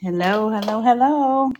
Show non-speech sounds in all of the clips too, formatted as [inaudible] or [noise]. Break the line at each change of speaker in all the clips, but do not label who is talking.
Hello, hello, hello.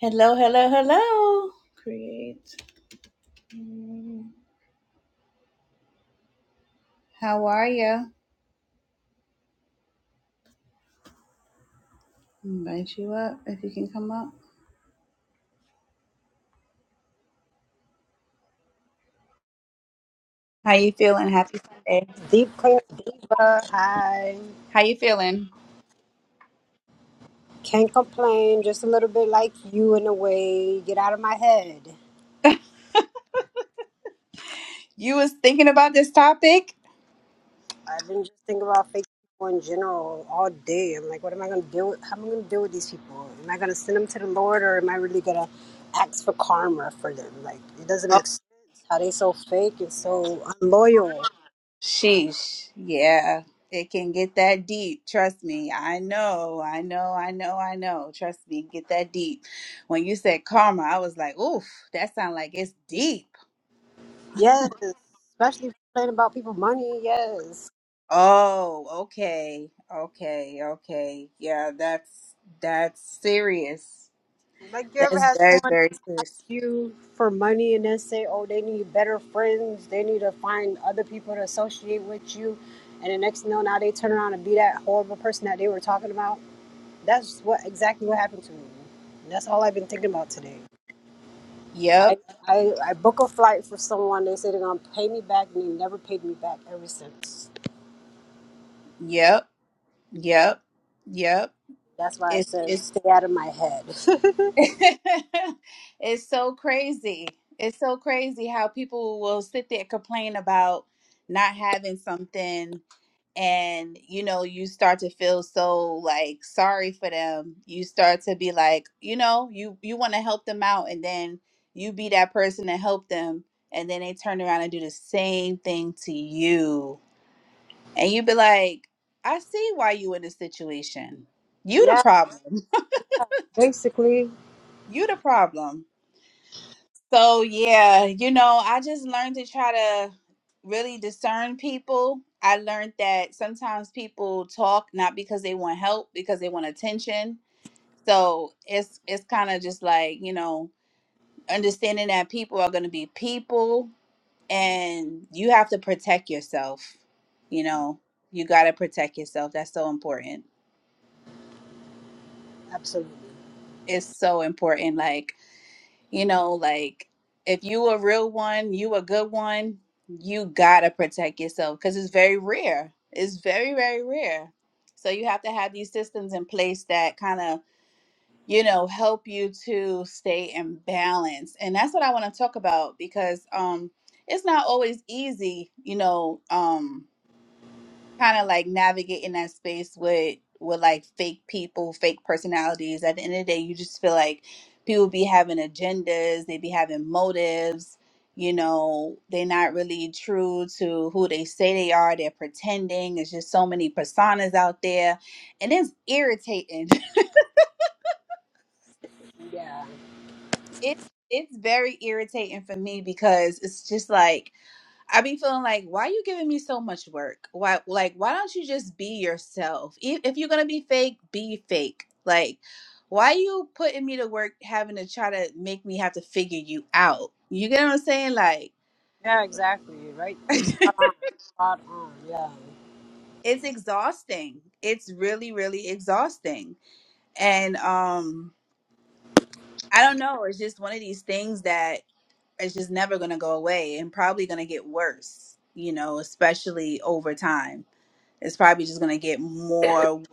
Hello, hello, hello. Create. How are you? Invite you up if you can come up. How you feeling? Happy Sunday.
Deep Clear Diva. Hi.
How you feeling?
Can't complain. Just a little bit like you in a way. Get out of my head.
You was thinking about this topic?
I've been just thinking about fake people in general all day. I'm like, what am I going to deal with? How am I going to deal with these people? Am I going to send them to the Lord or am I really going to ask for karma for them? Like, it doesn't make sense how they so fake and so unloyal.
Sheesh. Yeah. It can get that deep. Trust me. I know. I know. I know. I know. Trust me. Get that deep. When you said karma, I was like, oof, that sounds like it's deep.
Yes. Especially complaining about people money. Yes.
Oh, okay. Okay. Okay. Yeah, that's that's serious.
Like, you ever
That's
had
very,
someone
very
ask
serious.
you for money and then say, oh, they need better friends, they need to find other people to associate with you, and the next thing you know, now they turn around and be that horrible person that they were talking about? That's what exactly what happened to me. And that's all I've been thinking about today. I,
Yep.
I, I book a flight for someone, they say they're going to pay me back, and they never paid me back ever since.
Yep. Yep. Yep.
That's why I
It's
said,
it's
stay out of my head. [laughs]
[laughs] it's so crazy. It's so crazy how people will sit there complain about not having something and you know you start to feel so like sorry for them. You start to be like, you know, you you want to help them out and then you be that person to help them and then they turn around and do the same thing to you. And you be like, I see why you in this situation. You the
yeah,
problem.
basically,
You the problem. So yeah, you know, I just learned to try to really discern people. I learned that sometimes people talk not because they want help, because they want attention. So it's it's kind of just like, you know, understanding that people are going to be people and you have to protect yourself. You know, you got to protect yourself. That's so important.
absolutely.
It's so important like You know, like if you a real one, you a good one, you gotta protect yourself because it's very rare. It's very, very rare. So you have to have these systems in place that kind of, you know, help you to stay in balance. And that's what I want to talk about because um it's not always easy, you know, um kind of like navigate in that space with with like fake people, fake personalities. At the end of the day, you just feel like people be having agendas, they be having motives. You know, they're not really true to who they say they are. They're pretending. It's just so many personas out there, and it's irritating.
Yeah.
[laughs] it it's very irritating for me because it's just like I be feeling like, why you giving me so much work? Why, like, why don't you just be yourself? E- If you're gonna be fake, be fake. Like, why you putting me to work, having to try to make me have to figure you out? You get what I'm saying? Like,
Yeah, exactly. Right.
[laughs]
Spot on. Spot on. Yeah.
it's exhausting. It's really, really exhausting. And um, I don't know. It's just one of these things that it's just never gonna go away, and probably gonna get worse. You know, especially over time. It's probably just gonna get more.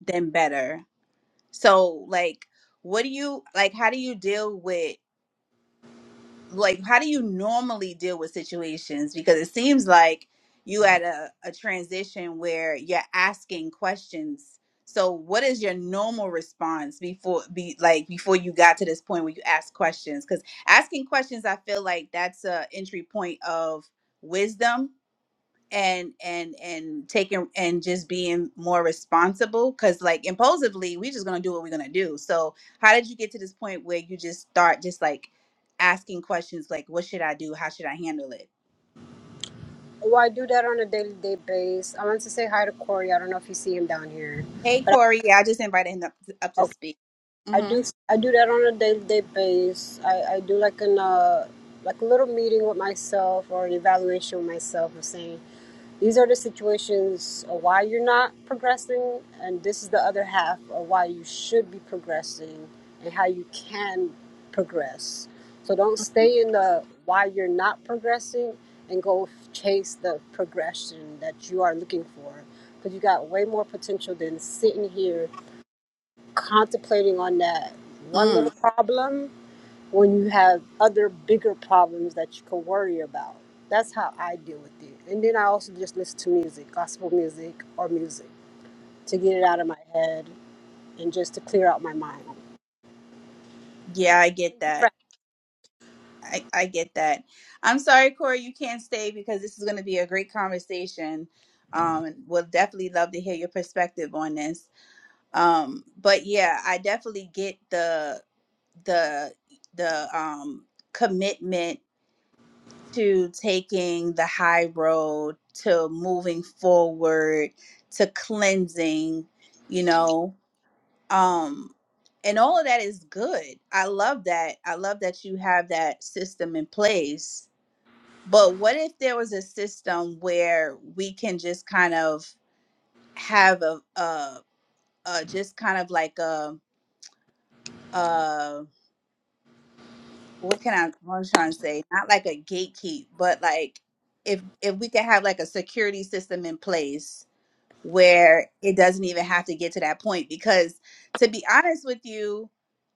then better. So like what do you like how do you deal with like how do you normally deal with situations because it seems like you had a, a transition where you're asking questions. So what is your normal response before be like before you got to this point where you ask questions cuz asking questions I feel like that's a entry point of wisdom and and and taking and just being more responsible because like impulsively we just gonna do what we're gonna do so how did you get to this point where you just start just like asking questions like what should i do how should i handle it
Well, I do that on a daily day base. I want to say hi to Corey. I don't know if you see him down here,
hey
but
corey yeah i just invited him up to, up to
I,
speak
I do
mm-hmm.
I do that on a day-to-day basis. I, I do like an uh like a little meeting with myself or an evaluation with myself of saying these are the situations of why you're not progressing and this is the other half of why you should be progressing and how you can progress. So don't stay in the why you're not progressing and go chase the progression that you are looking for because you got way more potential than sitting here contemplating on that one little
mm.
problem when you have other bigger problems that you can worry about. That's how I deal with it. And then I also just listen to music, gospel music or music, to get it out of my head and just to clear out my mind.
yeah i get
Thank you for-
that I, I get that i'm sorry corey you can't stay because this is going to be a great conversation um we'll definitely love to hear your perspective on this um but yeah i definitely get the the the um commitment to taking the high road to moving forward to cleansing you know um and all of that is good i love that i love that you have that system in place but what if there was a system where we can just kind of have a uh uh just kind of like a what can I what I'm trying to say? Not like a gatekeep, but like if if we could have like a security system in place where it doesn't even have to get to that point. Because to be honest with you,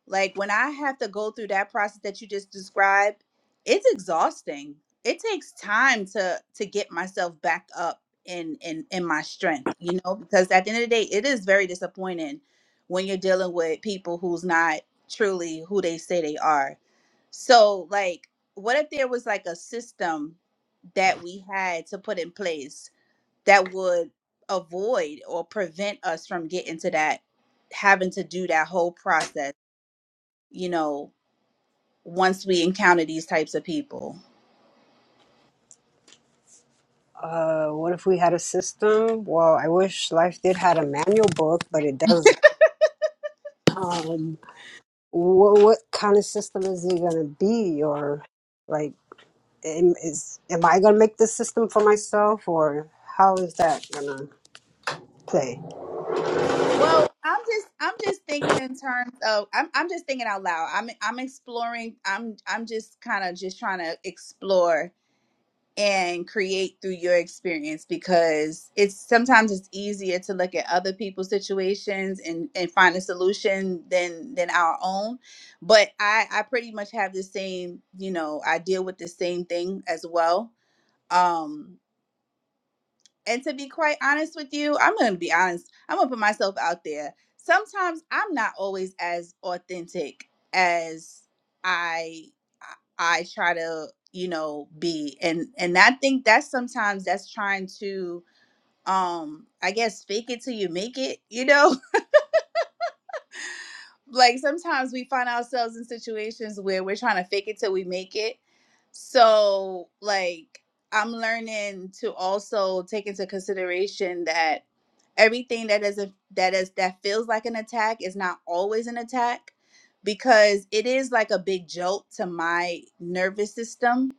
like when I have to go through that process that you just described, it's exhausting. It takes time to to get myself back up in in in my strength, you know, because at the end of the day, it is very disappointing when you're dealing with people who's not truly who they say they are so, like, what if there was like a system that we had to put in place that would avoid or prevent us from getting to that, having to do that whole process, you know, once we encounter these types of people?
Uh, what if we had a system? Well, I wish life did had a manual book, but it doesn't. Um, what, what kind of system is it gonna be, or like? am, is am I gonna make this system for myself, or how is that gonna play?
Well, I'm just I'm just thinking in terms of I'm I'm just thinking out loud. I'm I'm exploring. I'm I'm just kind of just trying to explore and create through your experience because it's sometimes it's easier to look at other people's situations and and find a solution than than our own but i i pretty much have the same you know i deal with the same thing as well um and to be quite honest with you, I'm going to be honest. I'm going to put myself out there. Sometimes I'm not always as authentic as I I try to, you know, be. And and I think that's sometimes that's trying to um I guess fake it till you make it, you know? [laughs] like sometimes we find ourselves in situations where we're trying to fake it till we make it. So, like I'm learning to also take into consideration that everything that is a that is that feels like an attack is not always an attack because it is like a big jolt to my nervous system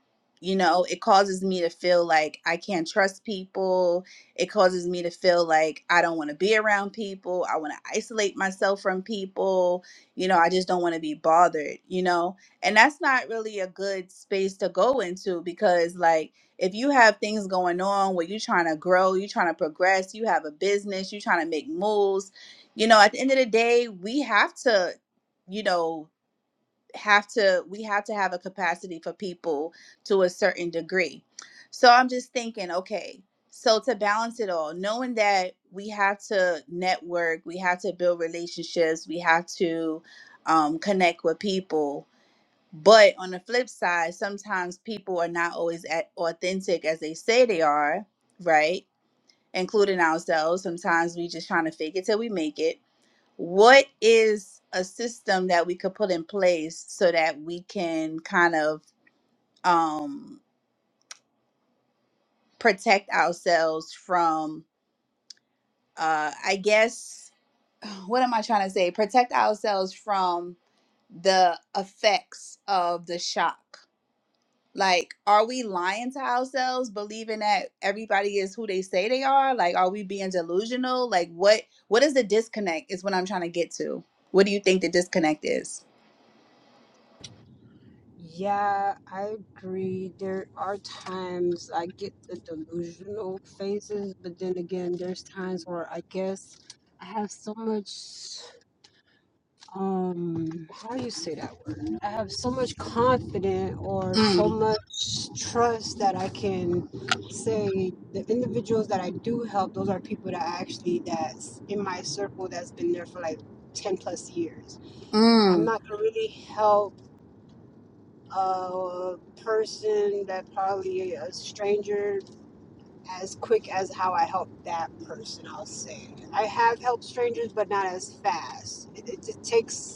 you know it causes me to feel like i can't trust people it causes me to feel like i don't want to be around people i want to isolate myself from people you know i just don't want to be bothered you know and that's not really a good space to go into because like if you have things going on where you're trying to grow, you're trying to progress, you have a business, you're trying to make moves, you know, at the end of the day, we have to, you know, have to we have to have a capacity for people to a certain degree. So I'm just thinking, okay, so to balance it all, knowing that we have to network, we have to build relationships, we have to um, connect with people but on the flip side, sometimes people are not always at authentic as they say they are, right? Including ourselves. Sometimes we just trying to fake it till we make it. What is a system that we could put in place so that we can kind of um, protect ourselves from, uh, I guess, [sighs] what am I trying to say? Protect ourselves from the effects of the shock Like, are we lying to ourselves, believing that everybody is who they say they are? Like, are we being delusional? Like, what what is the disconnect? Is what I'm trying to get to. What do you think the disconnect is?
Yeah, I agree. There are times I get the delusional phases, but then again, there's times where I guess I have so much. um how do you say that word i have so much confidence or so
Mm,
much trust that i can say the individuals that i do help those are people that actually that's in my circle that's been there for like 10 plus years i'm
mm,
not gonna really help a person that probably a stranger as quick as how i help that person i'll say i have helped strangers but not as fast it, it, it takes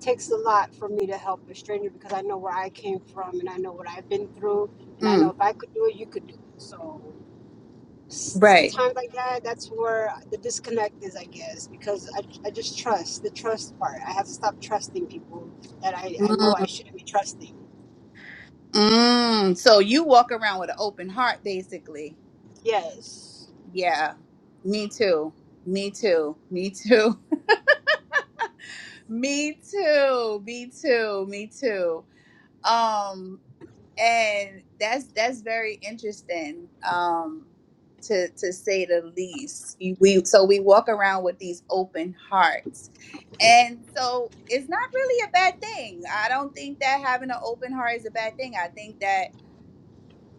takes a lot for me to help a stranger because I know where I came from and I know what I've been through and I know
mm.
if I could do it, you could do it. So s-
Right.
times like that, that's where the disconnect is, I guess, because I, I just trust the trust part. I have to stop trusting people that I, I know
Mm,
I shouldn't be trusting.
mm. So you walk around with an open heart, basically.
Yes,
Yeah. Me too. Me too. Me too. [laughs] Me too. Me too. Me too. Um. and that's that's very interesting um to to say the least You- we so we walk around with these open hearts and so it's not really a bad thing i don't think that having an open heart is a bad thing i think that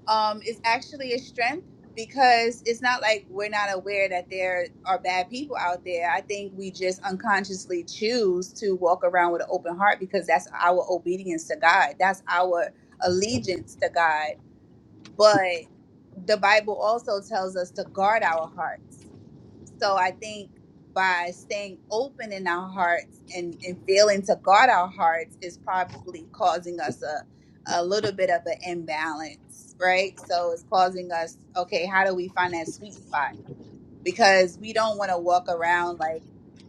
um, is actually a strength because it's not like we're not aware that there are bad people out there. I think we just unconsciously choose to walk around with an open heart because that's our obedience to God, that's our allegiance to God. But the Bible also tells us to guard our hearts. So I think by staying open in our hearts and, and failing to guard our hearts is probably causing us a, a little bit of an imbalance, right? So it's causing us, okay, how do we find that sweet spot? because we don't want to walk around like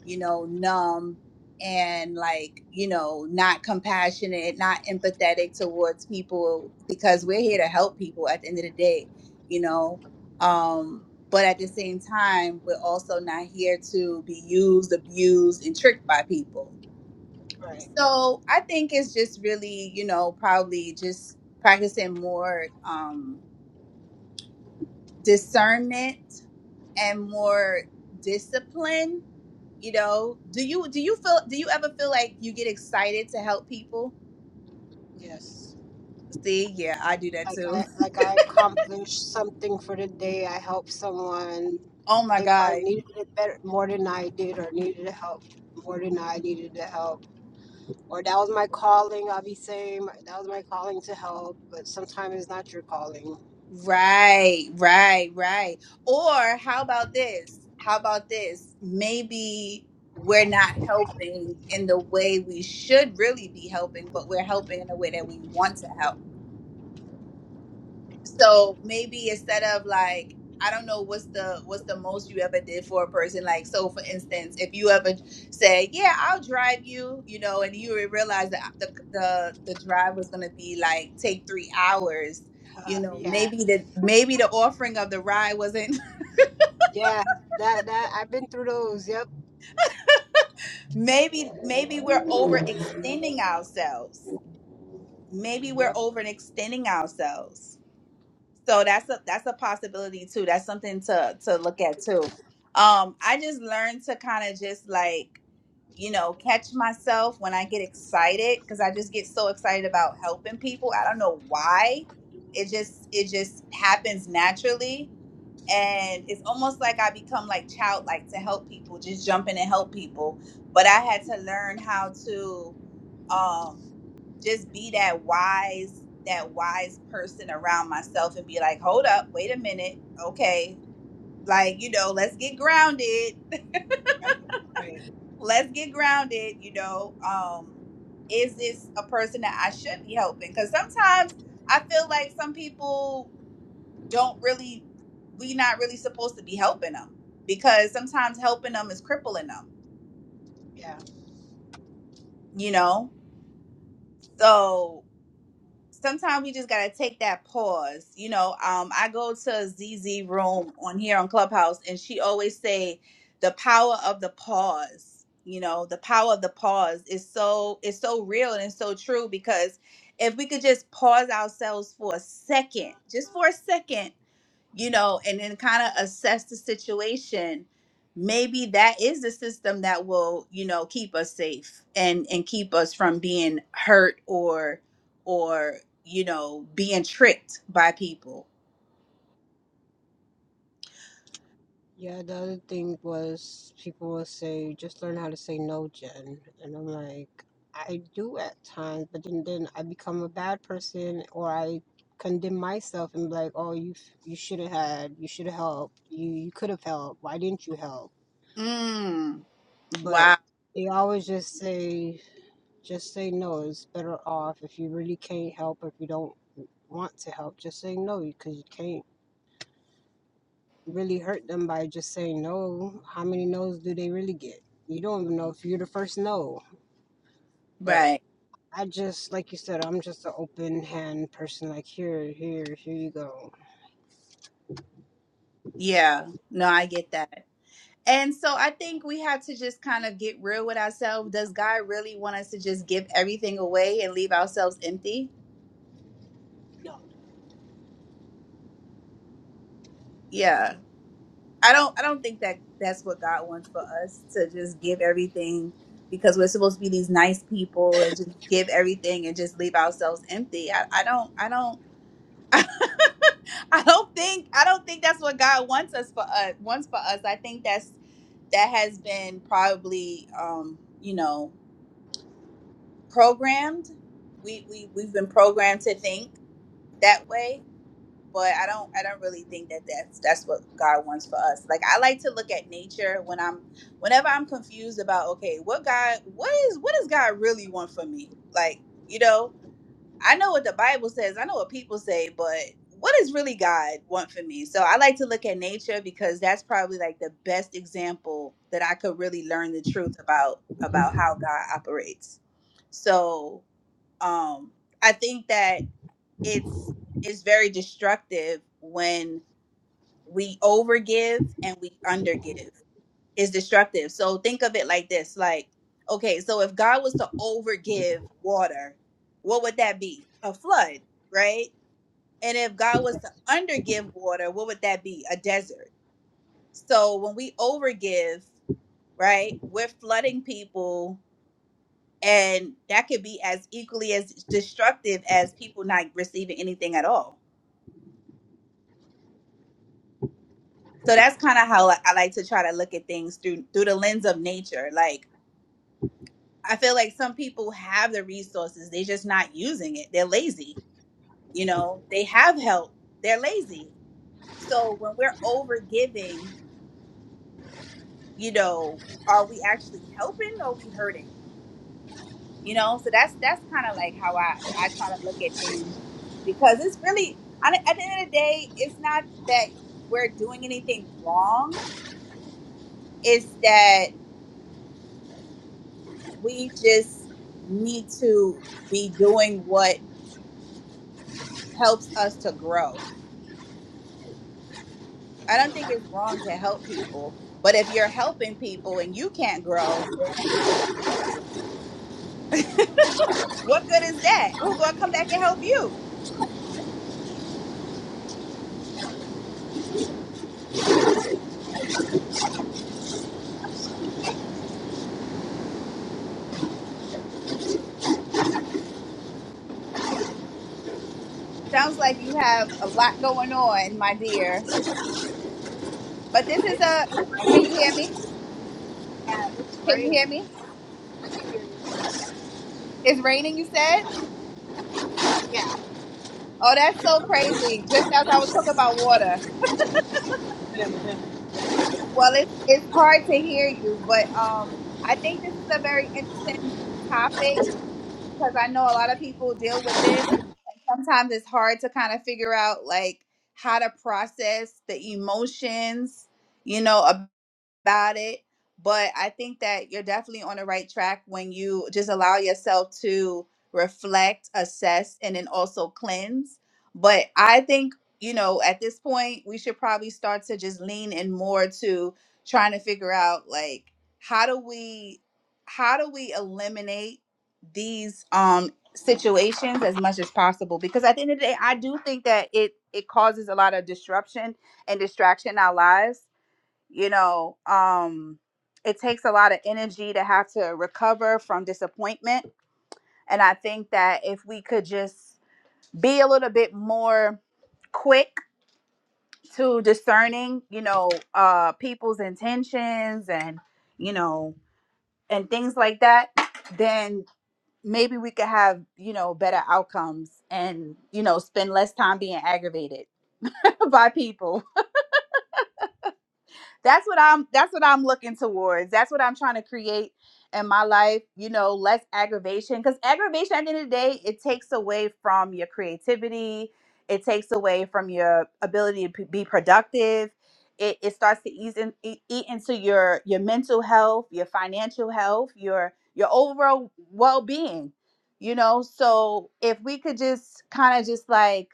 you know numb and like you know not compassionate not empathetic towards people because we're here to help people at the end of the day you know um but at the same time we're also not here to be used abused and tricked by people
right.
so i think it's just really you know probably just practicing more um discernment and more discipline you know do you do you feel do you ever feel like you get excited to help people
Yes.
see yeah i do that
Like
too
I like I accomplished something for the day. I helped someone.
[laughs] oh my
They probably
god
needed it better more than I did, or needed help more than I needed the help or that was my calling. I'll be saying my- that was my calling to help, but sometimes it's not your calling.
right right right or how about this how about this maybe we're not helping in the way we should really be helping but we're helping in the way that we want to help so maybe instead of like i don't know what's the what's the most you ever did for a person like so for instance if you ever say yeah i'll drive you you know and you realize that the the, the drive was going to be like take three hours you
Uh,
know
yeah,
maybe the maybe the offering of the ride wasn't
yeah, that that I've been through those. Yep,
[laughs] maybe maybe we're overextending ourselves maybe we're
yep,
overextending ourselves So that's a that's a possibility too. That's something to to look at too. Um, I just learned to kind of just like you know catch myself when I get excited because I just get so excited about helping people. I don't know why. It just it just happens naturally, and it's almost like I become like childlike to help people, just jump in and help people. But I had to learn how to. Um, just be that wise that wise person around myself and be like hold up wait a minute okay like you know let's get grounded
right, right,
[laughs] let's get grounded you know um is this a person that i should be helping because sometimes i feel like some people don't really we not really supposed to be helping them because sometimes helping them is crippling them
yeah,
you know so sometimes we just gotta take that pause. You know, um, I go to a ZZ room on here on Clubhouse, and she always say the power of the pause. You know, the power of the pause is so is so real and it's so true because if we could just pause ourselves for a second, just for a second you know, and then kind of assess the situation. Maybe that is the system that will, you know, keep us safe and and keep us from being hurt or or you know being tricked by people.
yeah. The other thing was people will say just learn how to say no, Jen, and I'm like I do at times, but then then I become a bad person or I condemn myself and be like, oh, you you should have had, you should have helped, you you could have helped. Why didn't you help?
Mm.
but
Wow.
they always just say just say no it's better off if you really can't help if you don't want to help just say no because you can't really hurt them by just saying no how many no's do they really get you don't even know if you're the first no but
Right.
i just like you said i'm just an open hand person like here here here you go
Yeah. No, I get that. And so I think we have to just kind of get real with ourselves. Does God really want us to just give everything away and leave ourselves empty?
no
Yeah. I don't I don't think that that's what God wants for us to just give everything because we're supposed to be these nice people and just give everything and just leave ourselves empty. I, I don't I don't [laughs] I don't think I don't think that's what God wants us for us wants for us. I think that's that has been probably um, you know, programmed. We we we've been programmed to think that way but I don't I don't really think that that's that's what God wants for us. Like I like to look at nature when I'm whenever I'm confused about okay, what God what is what does God really want for me? Like, you know, I know what the Bible says, I know what people say, but what does really God want for me? So I like to look at nature because that's probably like the best example that I could really learn the truth about about how God operates. So, um I think that it's it's very destructive when we overgive and we undergive. It's destructive. So think of it like this: like, okay, so if God was to overgive water, what would that be? A flood, right? And if God was to undergive water, what would that be? A desert. So when we overgive, right, we're flooding people, and that could be as equally as destructive as people not receiving anything at all So that's kind of how like, I like to try to look at things through through the lens of nature. Like I feel like some people have the resources, they're just not using it. They're lazy. You know, they have help, they're lazy. So when we're over giving, you know, are we actually helping or are we hurting? You know, so that's that's kind of like how I I try to look at things because it's really on- at the end of the day, it's not that we're doing anything wrong. It's that we just need to be doing what helps us to grow. I don't think it's wrong to help people, but if you're helping people and you can't grow, then what good is that? Who's going to come back and help you? Sounds like you have a lot going on, my dear. But this is a can you hear me? Can you hear me? It's raining, you said? Oh, that's so crazy. Just as I was talking about water. Well, it's it's hard to hear you, but um, I think this is a very interesting topic because I know a lot of people deal with this, and sometimes it's hard to kind of figure out like how to process the emotions, you know, about it. But I think that you're definitely on the right track when you just allow yourself to reflect, assess, and then also cleanse. But I think, you know, at this point, we should probably start to just lean in more to trying to figure out like how do we how do we eliminate these um situations as much as possible because at the end of the day I do think that it it causes a lot of disruption and distraction in our lives you know um it takes a lot of energy to have to recover from disappointment and i think that if we could just be a little bit more quick to discerning you know uh people's intentions and you know and things like that then maybe we could have you know better outcomes and you know spend less time being aggravated [laughs] by people that's what i'm that's what i'm looking towards that's what i'm trying to create in my life you know less aggravation because aggravation at the end of the day it takes away from your creativity it takes away from your ability to p- be productive it, it starts to ease in, e- eat into your your mental health your financial health your your overall well-being you know so if we could just kind of just like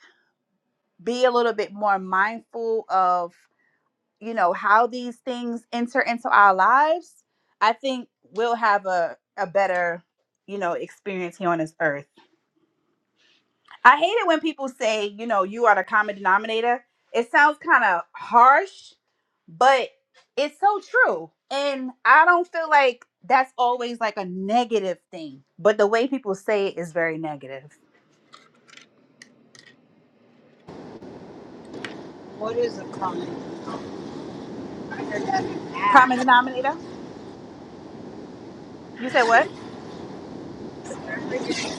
be a little bit more mindful of you know how these things enter into our lives i think we'll have a, a better you know experience here on this earth i hate it when people say you know you are the common denominator it sounds kind of harsh but it's so true and i don't feel like that's always like a negative thing but the way people say it is very negative
what is a common denominator?
common denominator you said what
Every- every- every-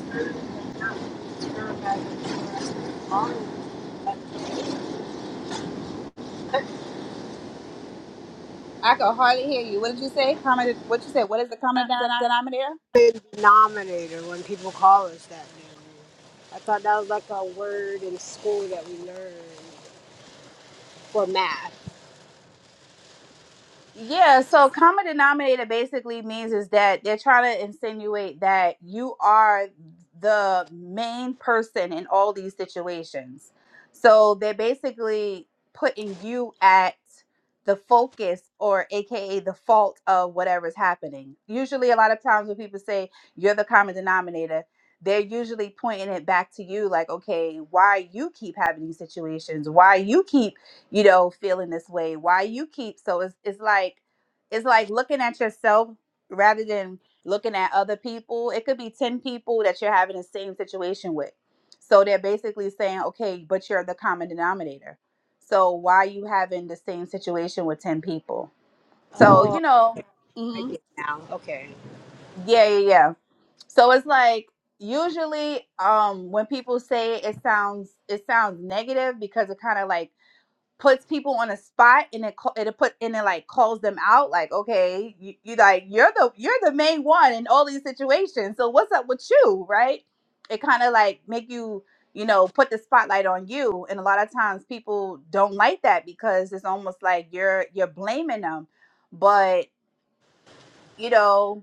every- every- every- every- every-
i could hardly hear you what did you say common what you said what is the common denom- denominator
common denominator when people call us that name. I thought that was like a word in school that we learned for math.
Yeah, so common denominator basically means is that they're trying to insinuate that you are the main person in all these situations. So they're basically putting you at the focus or aka the fault of whatever's happening. Usually a lot of times when people say you're the common denominator, they're usually pointing it back to you like, okay, why you keep having these situations? Why you keep you know, feeling this way. Why you keep so it's it's like it's like looking at yourself rather than looking at other people. It could be 10 people that you're having the same situation with. So they're basically saying, "Okay, but you're the common denominator." So why you having the same situation with 10 people? So,
Oh,
you know,
I get
mhm.
it now. Okay.
Yeah, yeah, yeah. So it's like usually um when people say it, it sounds it sounds negative because it kind of like puts people on a spot and it ca- it put and it like calls them out like okay you, you like you're the you're the main one in all these situations so what's up with you right it kind of like make you you know put the spotlight on you and a lot of times people don't like that because it's almost like you're you're blaming them but you know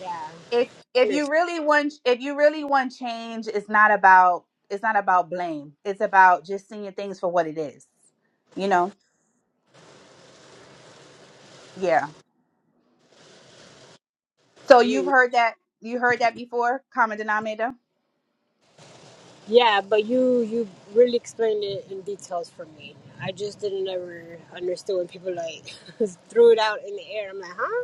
Yeah.
if
I
if you
understand.
really want if you really want change it's not about it's not about blame it's about just seeing things for what it is you know Yeah. So you've
Mm.
heard that you heard that before, common denominator?
Yeah, but you you really explained it in details for me. I just didn't ever understand when people like [laughs] threw it out in the air. I'm like, huh?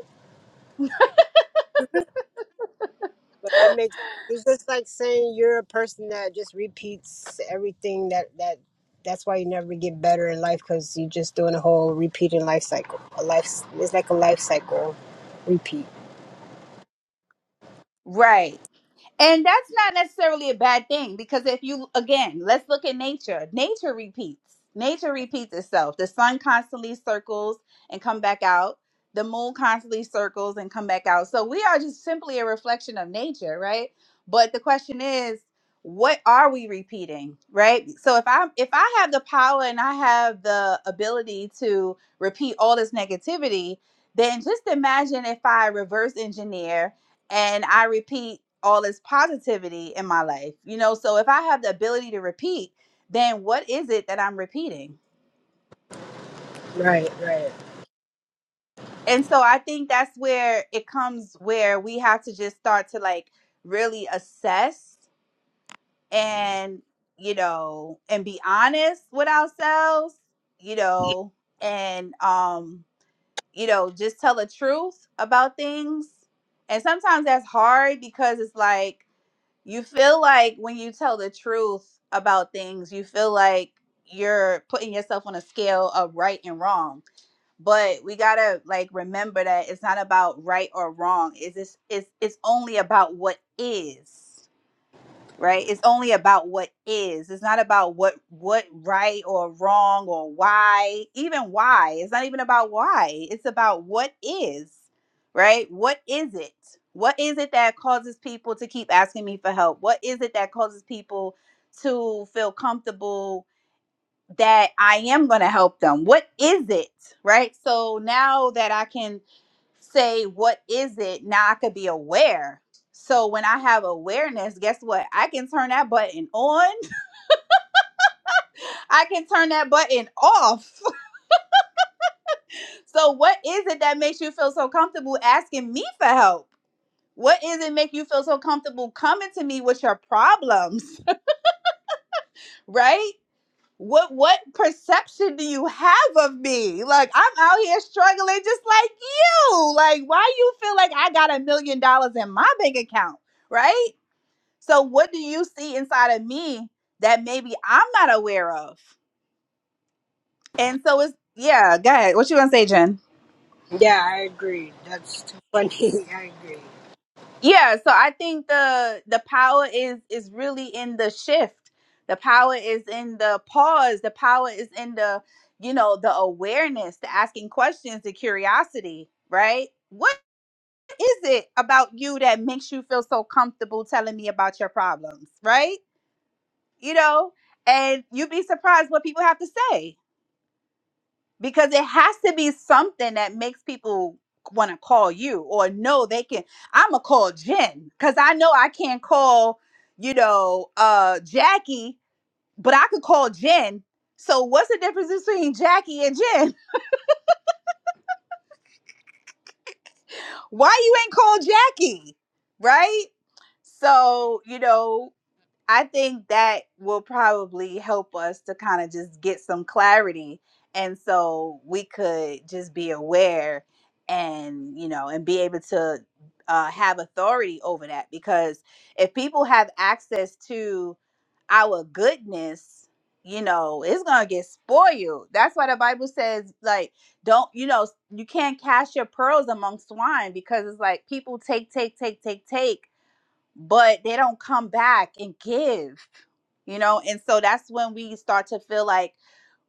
But it makes it's just like saying you're a person that just repeats everything that that that's why you never get better in life because you're just doing a whole repeating life cycle. A life it's like a life cycle repeat.
Right. And that's not necessarily a bad thing because if you, again, let's look at nature. Nature repeats. Nature repeats itself. The sun constantly circles and come back out. The moon constantly circles and come back out. So we are just simply a reflection of nature, right? But the question is, what are we repeating, right? So if I if I have the power and I have the ability to repeat all this negativity, then just imagine if I reverse engineer and I repeat all this positivity in my life. You know, so if I have the ability to repeat, then what is it that I'm repeating?
Right, right.
And so I think that's where it comes where we have to just start to like really assess and you know and be honest with ourselves, you know, and um you know, just tell the truth about things. And sometimes that's hard because it's like you feel like when you tell the truth about things, you feel like you're putting yourself on a scale of right and wrong. But we gotta like remember that it's not about right or wrong. It's just, it's it's only about what is right it's only about what is it's not about what what right or wrong or why even why it's not even about why it's about what is right what is it what is it that causes people to keep asking me for help what is it that causes people to feel comfortable that I am going to help them. What is it? Right? So now that I can say, what is it? Now I could be aware. So when I have awareness, guess what? I can turn that button on. [laughs] I can turn that button off. [laughs] So what is it that makes you feel so comfortable asking me for help? What is it make you feel so comfortable coming to me with your problems, [laughs] right? what what perception do you have of me? Like I'm out here struggling just like you. Like why you feel like I got a million dollars in my bank account, right? So what do you see inside of me that maybe I'm not aware of? And so it's yeah, go ahead. What you gonna say, Jen?
Yeah, I agree. That's too funny. [laughs] I agree.
Yeah, so I think the the power is is really in the shift. The power is in the pause. The power is in the you know the awareness, the asking questions, the curiosity, right? What is it about you that makes you feel so comfortable telling me about your problems, right? You know, and you'd be surprised what people have to say because it has to be something that makes people want to call you or know they can i'm gonna call jen because i know i can't call you know uh jackie but i could call jen so what's the difference between jackie and jen [laughs] why you ain't called jackie right so you know I think that will probably help us to kind of just get some clarity. And so we could just be aware and, you know, and be able to uh, have authority over that. Because if people have access to our goodness, you know, it's going to get spoiled. That's why the Bible says, like, don't, you know, you can't cast your pearls among swine because it's like people take, take, take, take, take, but they don't come back and give you know and so that's when we start to feel like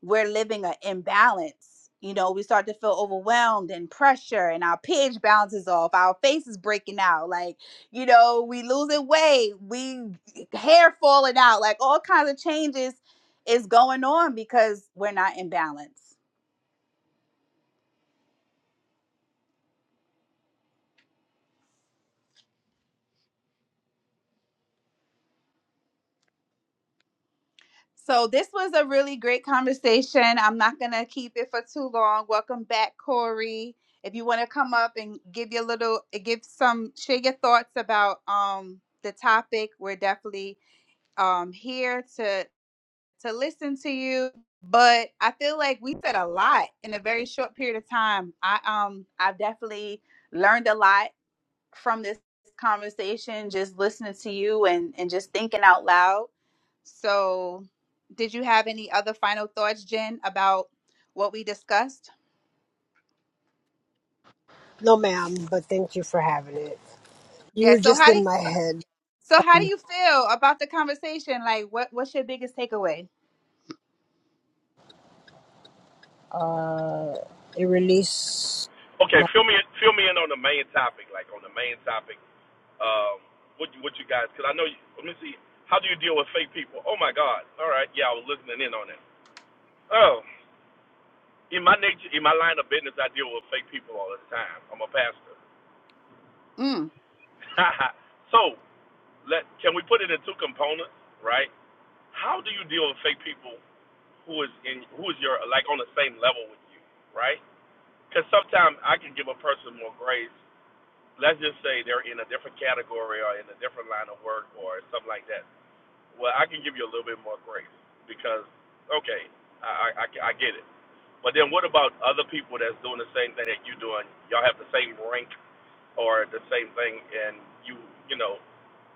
we're living an imbalance you know we start to feel overwhelmed and pressure and our pH balance is off our face is breaking out like you know we losing weight we hair falling out like all kinds of changes is going on because we're not in balance So this was a really great conversation. I'm not gonna keep it for too long. Welcome back, Corey. If you want to come up and give your little, eh, give some, share your thoughts about um the topic, we're definitely um here to to listen to you. But I feel like we said a lot in a very short period of time. I um I've definitely learned a lot from this conversation, just listening to you and, and just thinking out loud. So, did you have any other final thoughts, Jen, about what we discussed?
No, ma'am, but thank you for having it. You
Yeah.
were
So
just
how do
in my head.
so how do
Funny.
you feel about the conversation? Like, what what's your biggest takeaway?
Uh, it released.
Okay, fill me in, fill me in on the main topic, like on the main topic. Um, what you- what you guys? Because I know. You, let me see. How do you deal with fake people? Oh my God! All right, yeah, I was listening in on that. Oh, in my nature, in my line of business, I deal with fake people all the time. I'm a pastor.
Mm.
[laughs] so let can we put it in two components, right? How do you deal with fake people who is in who is your like on the same level with you, right? Because sometimes I can give a person more grace let's just say they're in a different category or in a different line of work or something like that. Well, I can give you a little bit more grace because, okay, I, I, I get it. But then what about other people that's doing the same thing that you're doing? Y'all have the same rank or the same thing, and you, you know,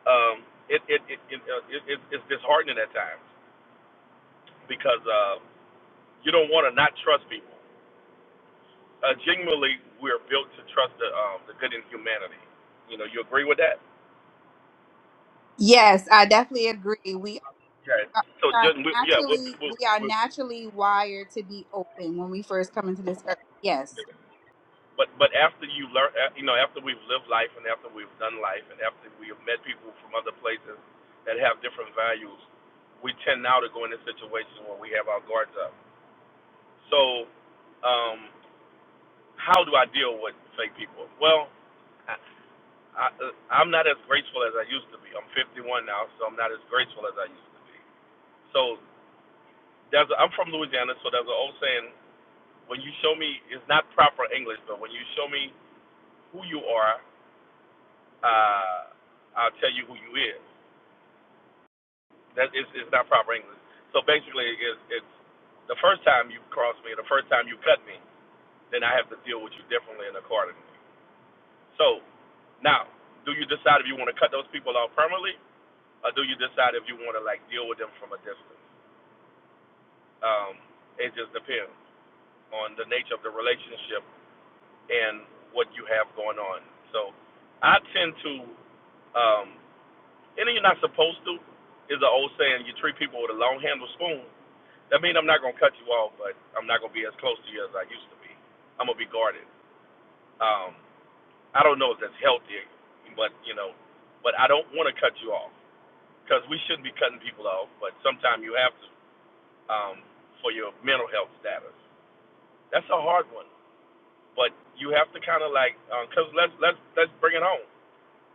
um, it, it, it, it, uh, it, it, it's disheartening at times because uh, you don't want to not trust people. Uh, genuinely, we're built to trust the, um, the good in humanity. You know, you agree with that?
Yes, I definitely agree. We
Okay.
are
So
we are
just we, yeah, we'll,
naturally
we'll,
we are
we'll
naturally wired to be open when we first come into this earth. Yes.
but but after you learn, uh, you know, after we've lived life and after we've done life and after we have met people from other places that have different values, we tend now to go into situations where we have our guards up. So, um, how do I deal with fake people? Well, I, I uh, I'm not as graceful as I used to be. I'm 51 now, so I'm not as graceful as I used to be. So there's a, I'm from Louisiana, so there's an old saying: when you show me, it's not proper English, but when you show me who you are, uh, I'll tell you who you is. That is is not proper English. So basically, it's, it's the first time you cross me, the first time you cut me, then I have to deal with you differently and accordingly. So now, do you decide if you want to cut those people off permanently, or do you decide if you want to like deal with them from a distance? Um, it just depends on the nature of the relationship and what you have going on. So I tend to um, And then you're not supposed to is an old saying. You treat people with a long handled spoon. That means I'm not gonna cut you off, but I'm not gonna be as close to you as I used to be. I'm gonna be guarded. Um, I don't know if that's healthy, but you know, but I don't want to cut you off because we shouldn't be cutting people off. But sometimes you have to um, for your mental health status. That's a hard one, but you have to kind of like because um, let's let's let's bring it home.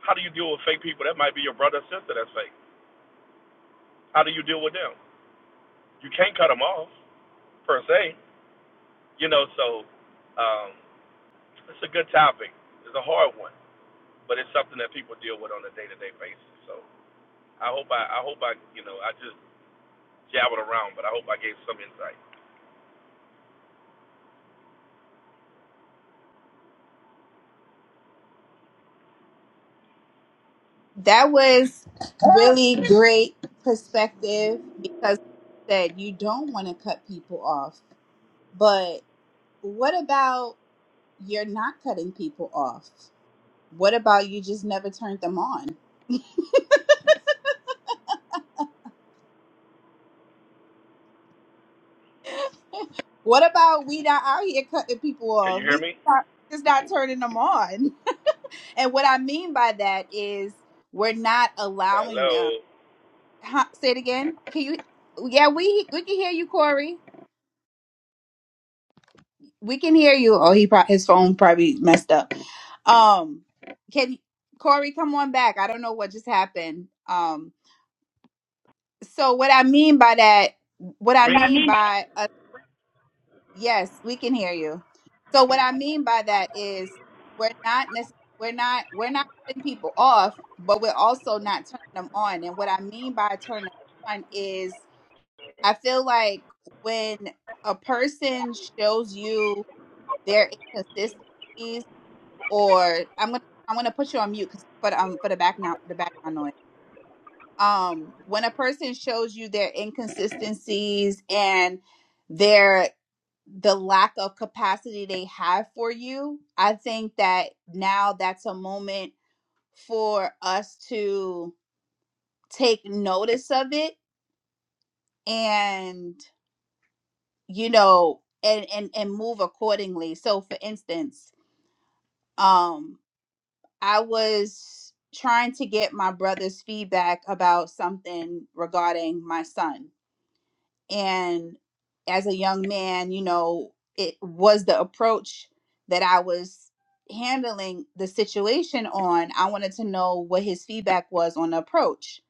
How do you deal with fake people? That might be your brother or sister that's fake. How do you deal with them? You can't cut them off per se. You know, so um, it's a good topic. It's a hard one, but it's something that people deal with on a day-to-day basis. So I hope I, I hope I, you know, I just jabbered around, but I hope I gave some insight.
That was really great perspective because like you said you don't want to cut people off. But what about you're not cutting people off? What about you just never turned them on? What about we not out here cutting people
Can you
off?
hear
We
me?
not, just not turning them on. [laughs] And what I mean by that is we're not allowing them.
Hello.
Huh, say it again. Can you? Yeah, we we can hear you, Corey. We can hear you. Oh, he probably his phone probably messed up. Um, can Corey come on back? I don't know what just happened. Um, so what I mean by that, what I
Yeah, me.
mean by uh, yes, we can hear you. So what I mean by that is we're not necess- we're not we're not cutting people off, but we're also not turning them on. And what I mean by turning them on is I feel like when a person shows you their inconsistencies or I'm gonna I'm gonna put you on mute 'cause- for the, um for the background the background noise. Um, when a person shows you their inconsistencies and their the lack of capacity they have for you, I think that now that's a moment for us to take notice of it and you know and and and move accordingly. So for instance, um, I was trying to get my brother's feedback about something regarding my son. And as a young man, you know, it was the approach that I was handling the situation on. I wanted to know what his feedback was on the approach.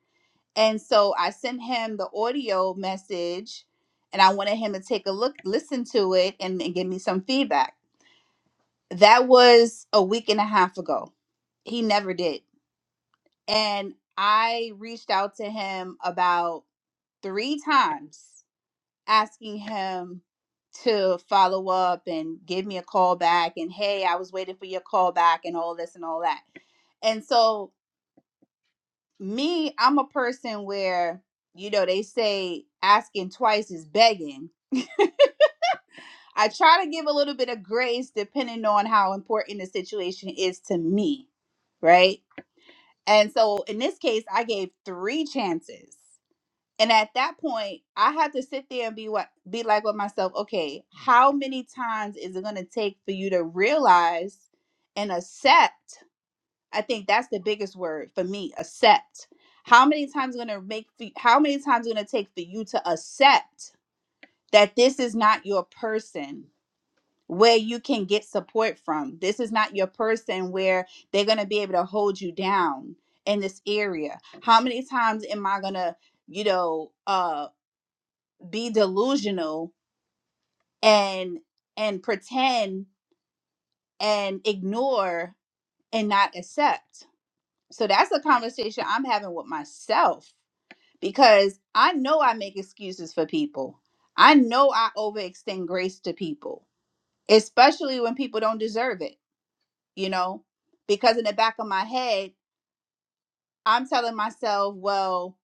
And so I sent him the audio message and I wanted him to take a look, listen to it, and, and give me some feedback. That was a week and a half ago. He never did And I reached out to him about three times asking him to follow up and give me a call back and hey, I was waiting for your call back and all this and all that. And so me, I'm a person where you know they say asking twice is begging. I try to give a little bit of grace depending on how important the situation is to me, right? And so in this case, I gave three chances. And at that point, I have to sit there and be what be like with myself, okay, how many times is it gonna take for you to realize and accept? I think that's the biggest word for me, accept. How many times gonna make for, how many times gonna take for you to accept that this is not your person where you can get support from? This is not your person where they're gonna be able to hold you down in this area. How many times am I gonna you know, uh be delusional and and pretend and ignore and not accept so that's a conversation i'm having with myself because i know i make excuses for people i know i overextend grace to people especially when people don't deserve it you know because in the back of my head i'm telling myself well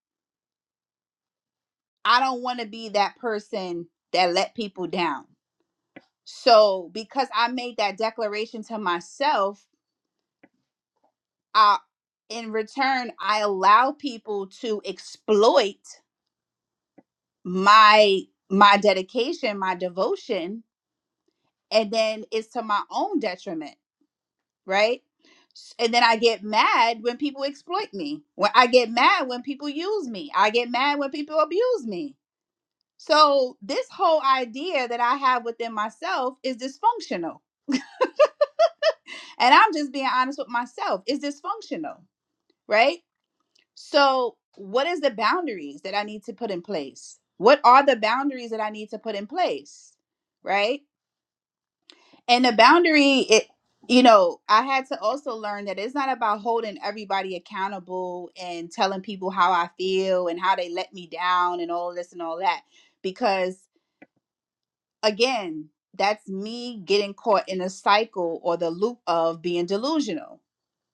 i don't want to be that person that let people down so because i made that declaration to myself I, in return, I allow people to exploit my my dedication, my devotion, and then it's to my own detriment, right? S- And then I get mad when people exploit me. When I get mad when people use me. I get mad when people abuse me. So this whole idea that I have within myself is dysfunctional. And I'm just being honest with myself. It's dysfunctional, right? So, what is the boundaries that I need to put in place? What are the boundaries that I need to put in place? Right? And the boundary it you know, I had to also learn that it's not about holding everybody accountable and telling people how I feel and how they let me down and all this and all that because again, that's me getting caught in a cycle or the loop of being delusional.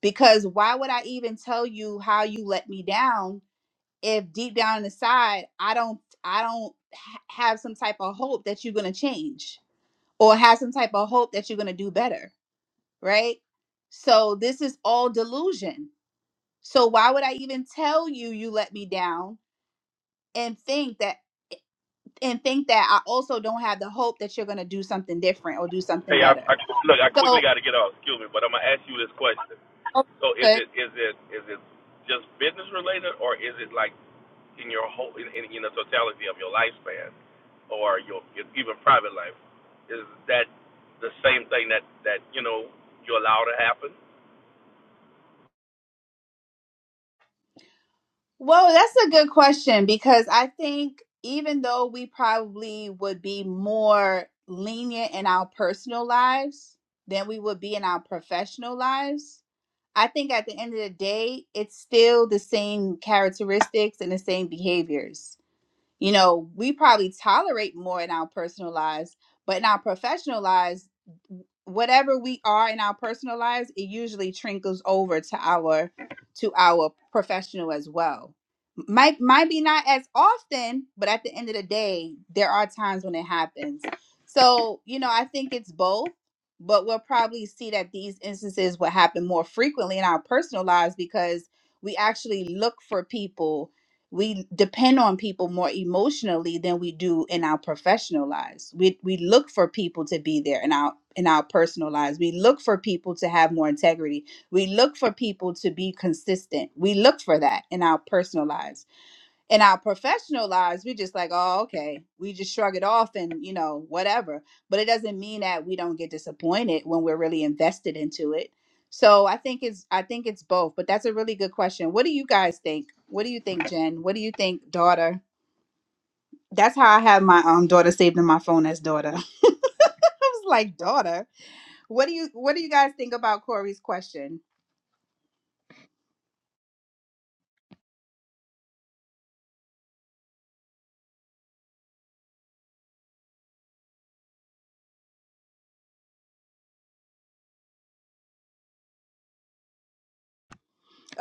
Because why would I even tell you how you let me down if deep down inside i don't i don't ha- have some type of hope that you're going to change or have some type of hope that you're going to do better right so this is all delusion so why would i even tell you you let me down and think that and think that i also don't have the hope that you're going to do something different or do something
Hey, I, I
better
look. I quickly
so
got to get off. Excuse me, but I'm gonna ask you this question.
oh,
So is
good.
it is it is it just business related, or is it like in your whole in, in, in the totality of your lifespan or your, your even private life is that the same thing that that you know you allow to happen
Well, that's a good question because I think even though we probably would be more lenient in our personal lives than we would be in our professional lives, I think at the end of the day, it's still the same characteristics and the same behaviors. You know, we probably tolerate more in our personal lives, but in our professional lives, whatever we are in our personal lives, it usually trickles over to our to our professional as well. Might might be not as often, but at the end of the day, there are times when it happens. So, you know, I think it's both, but we'll probably see that these instances will happen more frequently in our personal lives because we actually look for people we depend on people more emotionally than we do in our professional lives. We we look for people to be there in our in our personal lives. We look for people to have more integrity. We look for people to be consistent. We look for that in our personal lives in our professional lives we just like oh okay we just shrug it off and you know whatever but it doesn't mean that we don't get disappointed when we're really invested into it so i think it's i think it's both but that's a really good question what do you guys think what do you think jen what do you think daughter that's how i have my um daughter saved in my phone as daughter [laughs] i was like daughter what do you what do you guys think about corey's question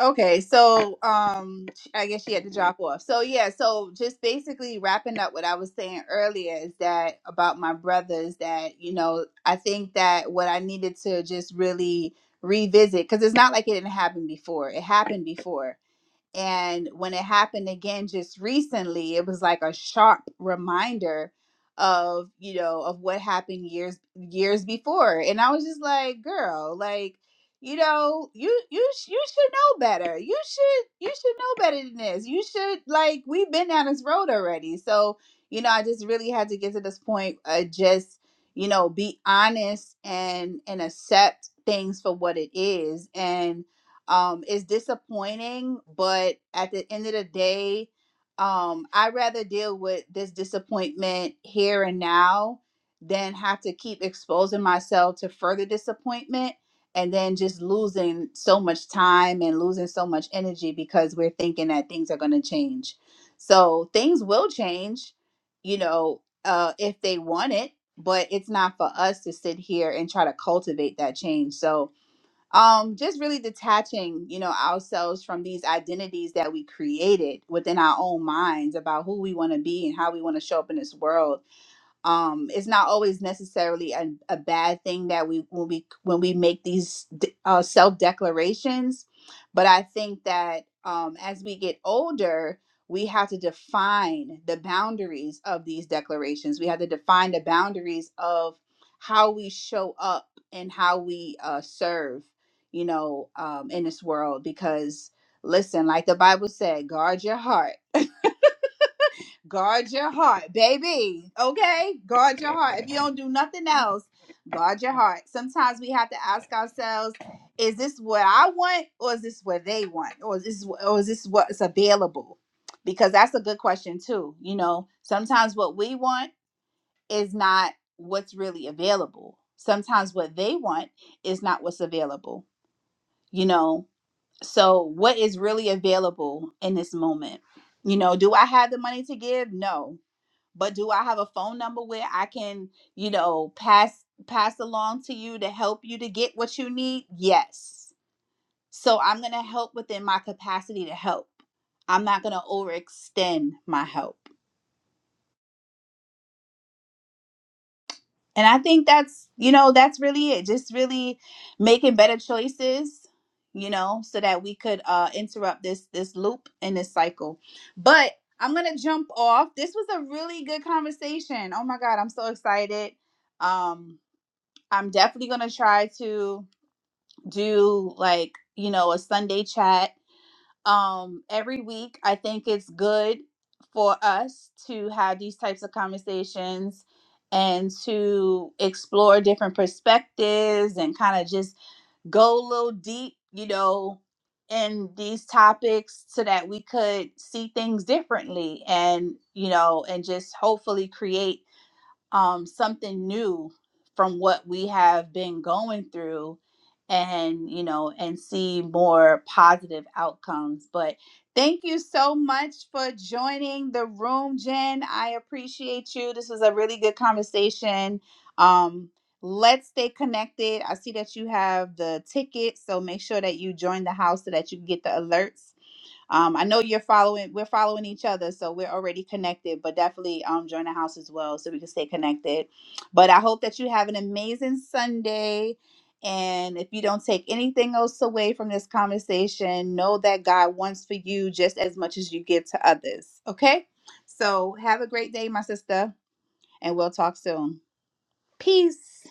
Okay, so um I guess she had to drop off. So yeah, so just basically wrapping up what I was saying earlier is that about my brothers that, you know, I think that what I needed to just really revisit cuz it's not like it didn't happen before. It happened before. And when it happened again just recently, it was like a sharp reminder of, you know, of what happened years years before. And I was just like, girl, like, you know, you you sh- you should know better. You should you should know better than this. You should like we've been down this road already. So, you know, I just really had to get to this point uh just, you know, be honest and and accept things for what it is um, is disappointing, but at the end of the day, um, I'd rather deal with this disappointment here and now than have to keep exposing myself to further disappointment and then just losing so much time and losing so much energy because we're thinking that things are going to change. So things will change, you know, uh, if they want it, but it's not for us to sit here and try to cultivate that change. So, um just really detaching you know ourselves from these identities that we created within our own minds about who we want to be and how we want to show up in this world um it's not always necessarily a, a bad thing that we when we when we make these d- uh, self declarations but i think that um as we get older we have to define the boundaries of these declarations we have to define the boundaries of how we show up and how we uh serve you know um in this world because listen like the bible said guard your heart Guard your heart, baby. Okay? Guard your heart. If you don't do nothing [laughs] else, guard your heart. Sometimes we have to ask ourselves, is this what I want or is this what they want? Or is this or is this what's available? Because that's a good question too. You know, sometimes what we want is not what's really available. Sometimes what they want is not what's available. You know, so what is really available in this moment? You know, do I have the money to give? No but do I have a phone number where I can, you know, pass pass along to you to help you to get what you need? Yes. So I'm going to help within my capacity to help. I'm not going to overextend my help. And I think that's, you know, that's really it. Just really making better choices, you know, so that we could uh interrupt this this loop and this cycle. But I'm going to jump off. This was a really good conversation. Oh my god, I'm so excited. Um I'm definitely gonna try to do like you know a Sunday chat um every week. I think it's good for us to have these types of conversations and to explore different perspectives and kind of just go a little deep, you know, in these topics so that we could see things differently and you know and just hopefully create um, something new from what we have been going through and you know and see more positive outcomes but thank you so much for joining the room jen i appreciate you this was a really good conversation um let's stay connected i see that you have the ticket so make sure that you join the house so that you can get the alerts um, I know you're following. We're following each other, so we're already connected. But definitely, um, join the house as well, so we can stay connected. But I hope that you have an amazing Sunday. And if you don't take anything else away from this conversation, know that God wants for you just as much as you give to others. Okay. So have a great day, my sister, and we'll talk soon. Peace.